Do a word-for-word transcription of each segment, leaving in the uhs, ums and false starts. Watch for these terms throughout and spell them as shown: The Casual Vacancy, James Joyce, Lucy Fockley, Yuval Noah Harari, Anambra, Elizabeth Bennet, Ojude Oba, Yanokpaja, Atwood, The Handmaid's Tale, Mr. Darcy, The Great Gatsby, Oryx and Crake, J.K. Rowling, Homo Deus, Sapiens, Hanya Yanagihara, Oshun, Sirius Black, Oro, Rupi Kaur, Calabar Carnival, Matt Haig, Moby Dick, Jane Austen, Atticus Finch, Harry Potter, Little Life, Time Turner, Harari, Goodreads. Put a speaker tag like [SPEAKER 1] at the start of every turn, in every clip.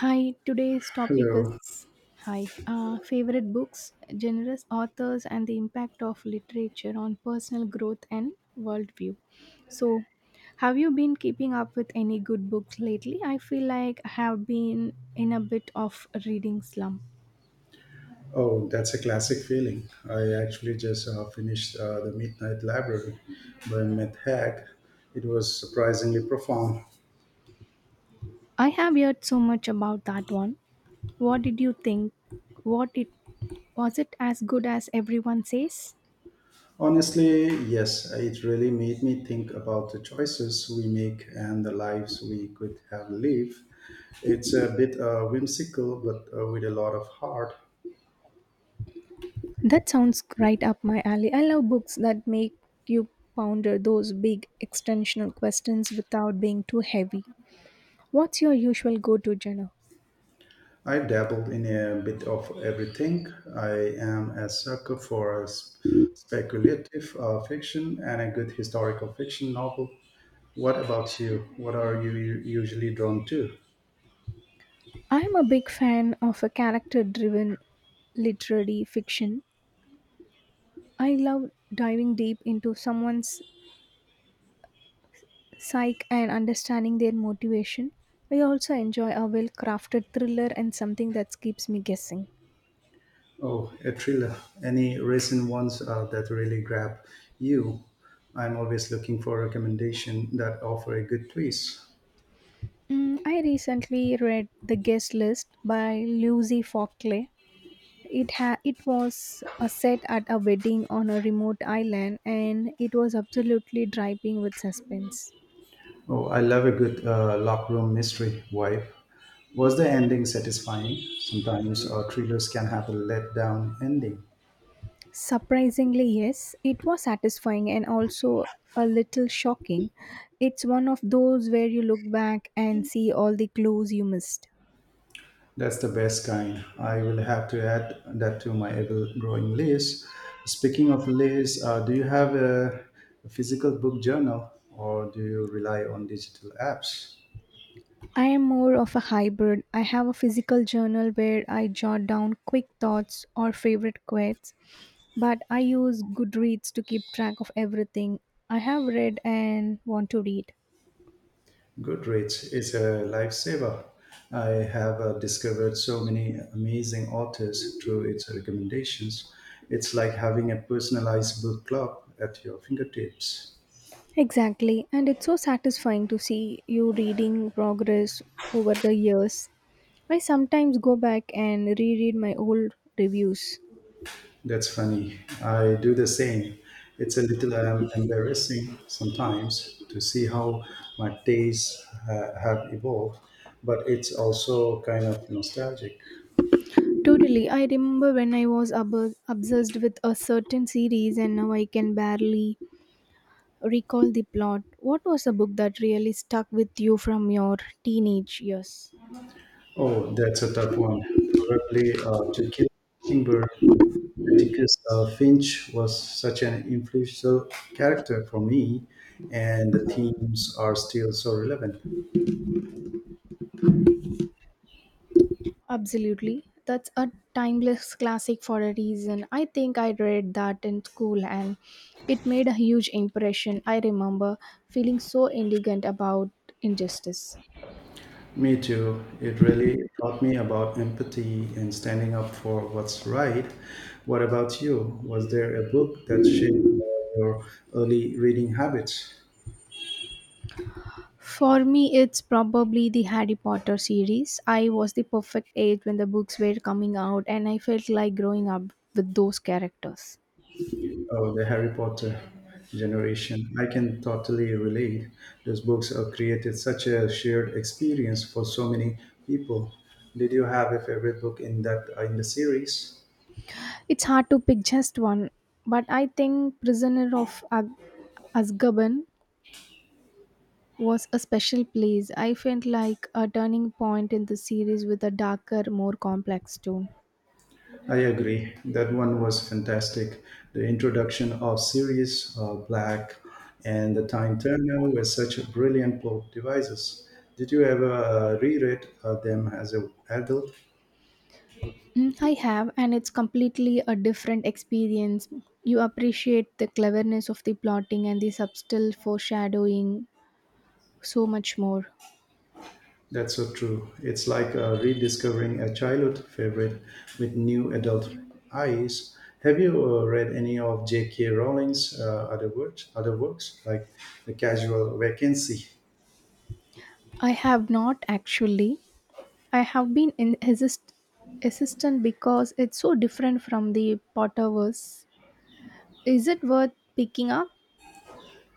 [SPEAKER 1] Hi, today's topic
[SPEAKER 2] Hello.
[SPEAKER 1] is hi uh, favorite books, generous authors, and the impact of literature on personal growth and worldview. So, have you been keeping up with any good books lately? I feel like I have been in a bit of a reading slump.
[SPEAKER 2] Oh, that's a classic feeling. I actually just uh, finished uh, The Midnight Library by Matt Haig. It was surprisingly profound.
[SPEAKER 1] I have heard so much about that one. What did you think? What it Was it as good as everyone says?
[SPEAKER 2] Honestly, yes, it really made me think about the choices we make and the lives we could have lived. It's a bit uh, whimsical, but uh, with a lot of heart.
[SPEAKER 1] That sounds right up my alley. I love books that make you ponder those big extensional questions without being too heavy. What's your usual go to genre?
[SPEAKER 2] I dabbled in a bit of everything. I am a sucker for a sp- speculative uh, fiction and a good historical fiction novel. What about you? What are you u- usually drawn to?
[SPEAKER 1] I'm a big fan of a character driven literary fiction. I love diving deep into someone's psyche and understanding their motivation. I also enjoy a well crafted thriller and something that keeps me guessing.
[SPEAKER 2] Oh, a thriller. Any recent ones uh, that really grab you? I'm always looking for a recommendation that offer a good twist.
[SPEAKER 1] Mm, I recently read The Guest List by Lucy Fockley. It ha- it was a set at a wedding on a remote island, and it was absolutely dripping with suspense.
[SPEAKER 2] Oh, I love a good uh, lock room mystery vibe. Was the ending satisfying? Sometimes uh, thrillers can have a let down ending.
[SPEAKER 1] Surprisingly, yes, it was satisfying and also a little shocking. It's one of those where you look back and see all the clues you missed.
[SPEAKER 2] That's the best kind. I will have to add that to my ever-growing list. Speaking of lists, uh, do you have a physical book journal or do you rely on digital apps?
[SPEAKER 1] I am more of a hybrid. I have a physical journal where I jot down quick thoughts or favorite quotes, but I use Goodreads to keep track of everything I have read and want to read.
[SPEAKER 2] Goodreads is a lifesaver. I have uh, discovered so many amazing authors through its recommendations. It's like having a personalized book club at your fingertips.
[SPEAKER 1] Exactly, and it's so satisfying to see you reading progress over the years. I sometimes go back and reread my old reviews.
[SPEAKER 2] That's funny. I do the same. It's a little um, embarrassing sometimes to see how my tastes uh, have evolved, but it's also kind of nostalgic.
[SPEAKER 1] Totally, I remember when I was ob- obsessed with a certain series, and now I can barely recall the plot. What was a book that really stuck with you from your teenage years?
[SPEAKER 2] Oh, that's a tough one. Probably uh, To Kill a Mockingbird. Atticus uh, Finch was such an influential character for me, and the themes are still so relevant.
[SPEAKER 1] Absolutely. That's a timeless classic for a reason. I think I read that in school, and it made a huge impression. I remember feeling so indignant about injustice.
[SPEAKER 2] Me too. It really taught me about empathy and standing up for what's right. What about you? Was there a book that shaped uh, your early reading habits?
[SPEAKER 1] For me, it's probably the Harry Potter series. I was the perfect age when the books were coming out, and I felt like growing up with those characters.
[SPEAKER 2] Oh, the Harry Potter generation. I can totally relate. Those books have created such a shared experience for so many people. Did you have a favorite book in that in the series?
[SPEAKER 1] It's hard to pick just one, but I think Prisoner of Ag- Azkaban was a special place. I felt like a turning point in the series with a darker, more complex tone.
[SPEAKER 2] I agree. That one was fantastic. The introduction of Sirius uh, Black and the Time Turner were such brilliant plot devices. Did you ever uh, reread uh, them as an adult?
[SPEAKER 1] Mm, I have, and it's completely a different experience. You appreciate the cleverness of the plotting and the subtle foreshadowing so much more.
[SPEAKER 2] That's so true. It's like uh, rediscovering a childhood favorite with new adult eyes. Have you uh, read any of J K. Rowling's uh, other works, other works like The Casual Vacancy?
[SPEAKER 1] I have not actually. I have been in assist, assistant because it's so different from the Potterverse. Is it worth picking up?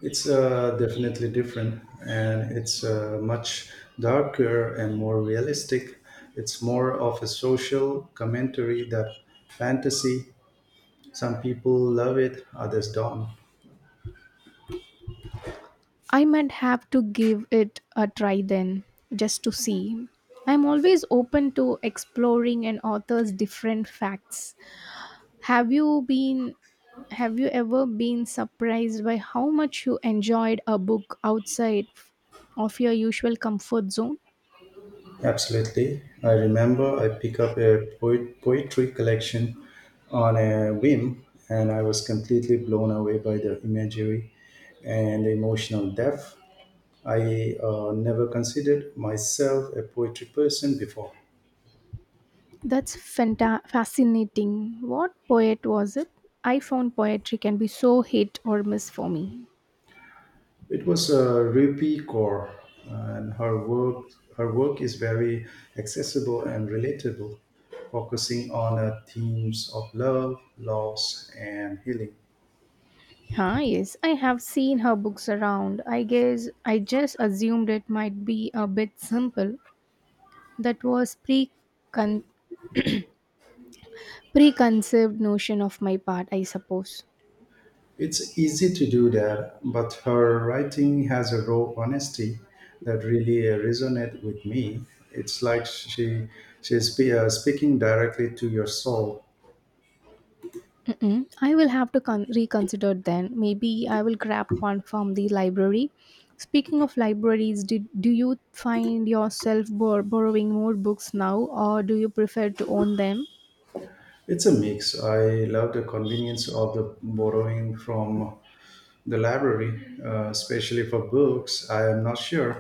[SPEAKER 2] It's uh, definitely different, and it's uh, much darker and more realistic. It's more of a social commentary that fantasy. Some people love it, others don't.
[SPEAKER 1] I might have to give it a try then, just to see. I'm always open to exploring an author's different facts. Have you been have you ever been surprised by how much you enjoyed a book outside of your usual comfort zone?
[SPEAKER 2] Absolutely. I remember I picked up a poet- poetry collection on a whim, and I was completely blown away by the imagery and emotional depth. I uh, never considered myself a poetry person before.
[SPEAKER 1] That's fanta- fascinating. What poet was it? I found poetry can be so hit or miss for me.
[SPEAKER 2] It was uh, Rupi Kaur, and her work her work is very accessible and relatable, focusing on uh, themes of love, loss, and healing.
[SPEAKER 1] Ah, yes, I have seen her books around. I guess I just assumed it might be a bit simple. That was pre preconceived notion of my part, I suppose.
[SPEAKER 2] It's easy to do that, but her writing has a raw honesty that really uh, resonates with me. It's like she she's spe- uh, speaking directly to your soul.
[SPEAKER 1] Mm-mm. I will have to con- reconsider then. Maybe I will grab one from the library. Speaking of libraries, did, do you find yourself bor- borrowing more books now, or do you prefer to own them?
[SPEAKER 2] It's a mix. I love the convenience of the borrowing from the library, uh, especially for books I am not sure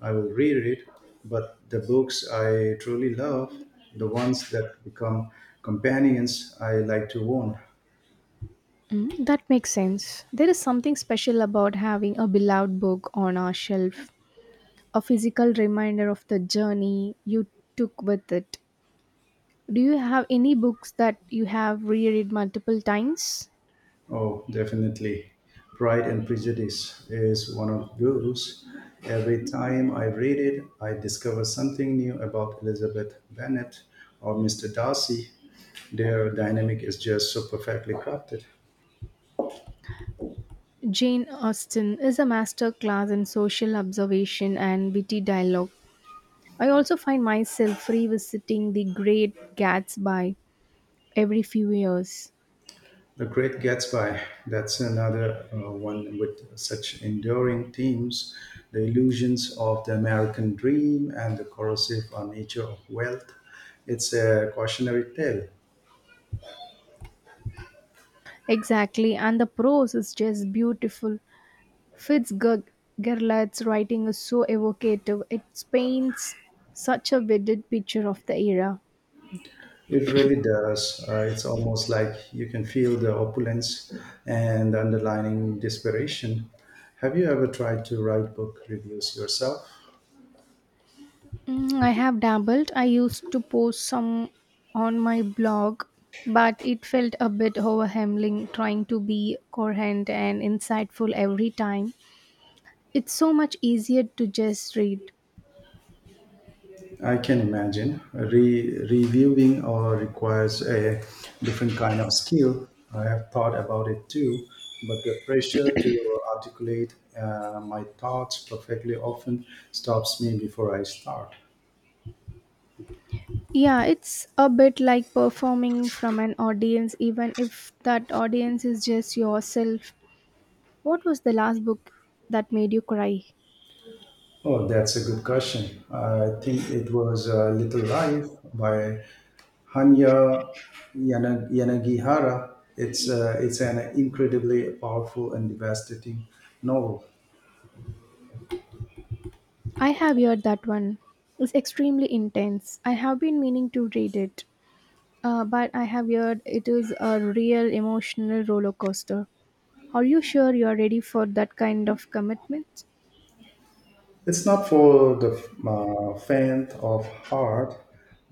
[SPEAKER 2] I will read it, but the books I truly love, the ones that become companions I like to own.
[SPEAKER 1] Mm, that makes sense. There is something special about having a beloved book on our shelf, a physical reminder of the journey you took with it. Do you have any books that you have reread multiple times?
[SPEAKER 2] Oh, definitely. Pride and Prejudice is one of those. Every time I read it, I discover something new about Elizabeth Bennet or Mister Darcy. Their dynamic is just so perfectly crafted.
[SPEAKER 1] Jane Austen is a master class in social observation and witty dialogue. I also find myself revisiting The Great Gatsby every few years.
[SPEAKER 2] The Great Gatsby, that's another uh, one with such enduring themes, the illusions of the American dream and the corrosive uh, nature of wealth. It's a cautionary tale.
[SPEAKER 1] Exactly, and the prose is just beautiful. Fitzgerald's writing is so evocative, it paints such a vivid picture of the era.
[SPEAKER 2] It really does. Uh, it's almost like you can feel the opulence and underlying desperation. Have you ever tried to write book reviews yourself?
[SPEAKER 1] Mm, I have dabbled. I used to post some on my blog, but it felt a bit overwhelming trying to be coherent and insightful every time. It's so much easier to just read.
[SPEAKER 2] I can imagine Re- reviewing or requires a different kind of skill. I have thought about it too, but the pressure to articulate uh, my thoughts perfectly often stops me before I start.
[SPEAKER 1] Yeah, it's a bit like performing from an audience, even if that audience is just yourself. What was the last book that made you cry?
[SPEAKER 2] Oh, that's a good question. I think it was uh, Little Life by Hanya Yana- Yanagihara. It's uh, it's an incredibly powerful and devastating novel.
[SPEAKER 1] I have heard that one. It's extremely intense. I have been meaning to read it. Uh, but I have heard it is a real emotional roller coaster. Are you sure you are ready for that kind of commitment?
[SPEAKER 2] It's not for the uh, faint of heart,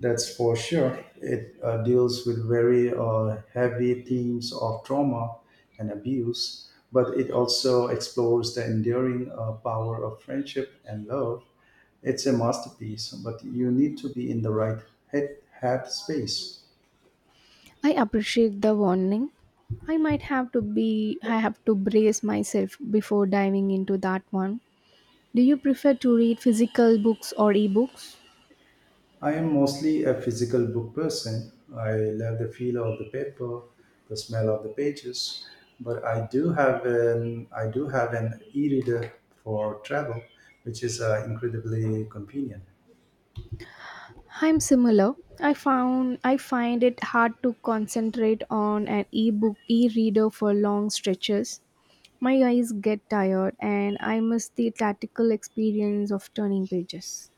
[SPEAKER 2] that's for sure. It uh, deals with very uh, heavy themes of trauma and abuse, but it also explores the enduring uh, power of friendship and love. It's a masterpiece, but you need to be in the right head, head space.
[SPEAKER 1] I appreciate the warning. I might have to be I have to brace myself before diving into that one. Do you prefer to read physical books or ebooks?
[SPEAKER 2] I am mostly a physical book person. I love the feel of the paper, the smell of the pages, but I do have an I do have an e-reader for travel, which is uh, incredibly convenient.
[SPEAKER 1] I'm similar. I found I find it hard to concentrate on an ebook e-reader for long stretches. My eyes get tired, and I miss the tactical experience of turning pages.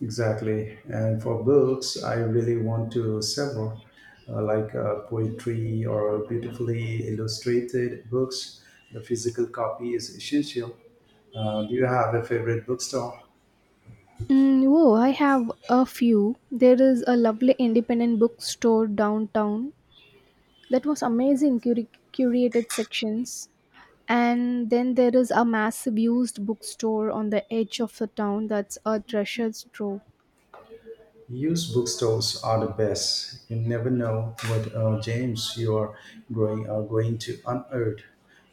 [SPEAKER 2] Exactly. And for books, I really want to several, uh, like uh, poetry or beautifully illustrated books. The physical copy is essential. Uh, do you have a favorite bookstore?
[SPEAKER 1] Mm, oh, I have a few. There is a lovely independent bookstore downtown that was amazing curi- curated sections. And then there is a massive used bookstore on the edge of the town that's a treasure trove.
[SPEAKER 2] Used bookstores are the best. You never know what uh, gems you are going are going to unearth.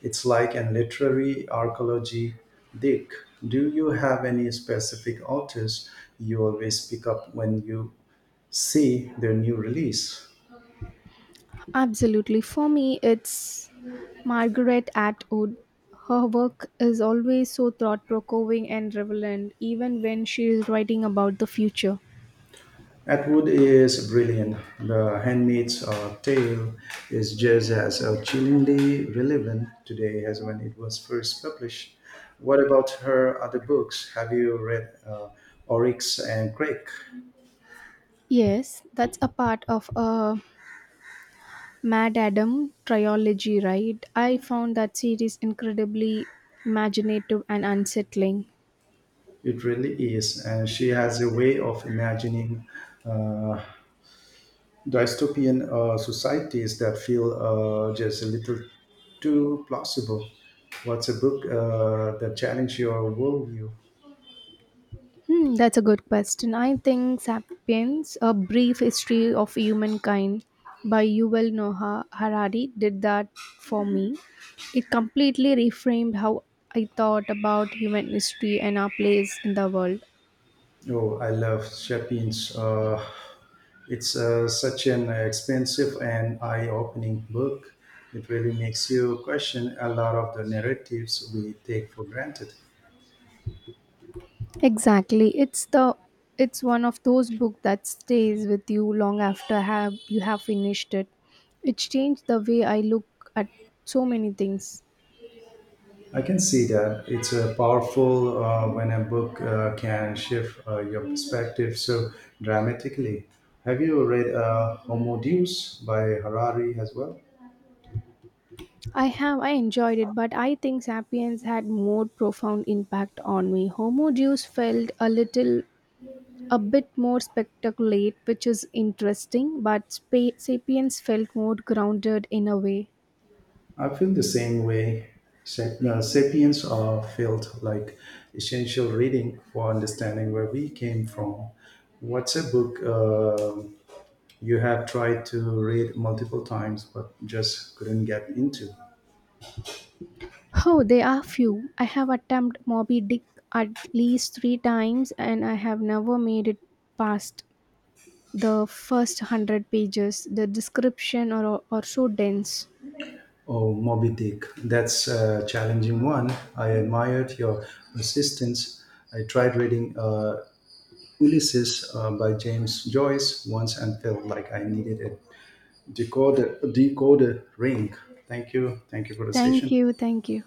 [SPEAKER 2] It's like an literary archaeology dig. Do you have any specific authors you always pick up when you see their new release?
[SPEAKER 1] Absolutely. For me, it's Margaret Atwood. Her work is always so thought provoking and relevant, even when she is writing about the future.
[SPEAKER 2] Atwood is brilliant. The Handmaid's uh, Tale is just as uh, chillingly relevant today as when it was first published. What about her other books? Have you read uh, Oryx and Crake?
[SPEAKER 1] Yes, that's a part of a Mad Adam trilogy, right? I found that series incredibly imaginative and unsettling.
[SPEAKER 2] It really is, and she has a way of imagining uh, dystopian uh, societies that feel uh, just a little too plausible. What's a book uh, that challenges your worldview?
[SPEAKER 1] Hmm, that's a good question. I think Sapiens, A Brief History of Humankind by Yuval Noah Harari did that for me. It completely reframed how I thought about human history and our place in the world.
[SPEAKER 2] Oh, I love Sapiens. Uh, it's uh, such an expensive and eye-opening book. It really makes you question a lot of the narratives we take for granted.
[SPEAKER 1] Exactly. It's the it's one of those books that stays with you long after have you have finished it. It changed the way I look at so many things.
[SPEAKER 2] I can see that it's uh, powerful uh, when a book uh, can shift uh, your perspective so dramatically. Have you read uh, Homo Deus by Harari as well?
[SPEAKER 1] I have I enjoyed it, but I think Sapiens had more profound impact on me. Homo Deus felt a little a bit more spectacular, which is interesting, but spa- Sapiens felt more grounded in a way.
[SPEAKER 2] I feel the same way. Sa- uh, Sapiens are felt like essential reading for understanding where we came from. What's a book uh, you have tried to read multiple times but just couldn't get into?
[SPEAKER 1] Oh, there are few. I have attempted Moby Dick at least three times, and I have never made it past the first hundred pages. The description are, are so dense.
[SPEAKER 2] Oh, Moby Dick. That's a challenging one. I admired your persistence. I tried reading uh, Ulysses uh, by James Joyce once and felt like I needed a decode decode ring. Thank you, thank you for the
[SPEAKER 1] Thank
[SPEAKER 2] session.
[SPEAKER 1] you, thank you.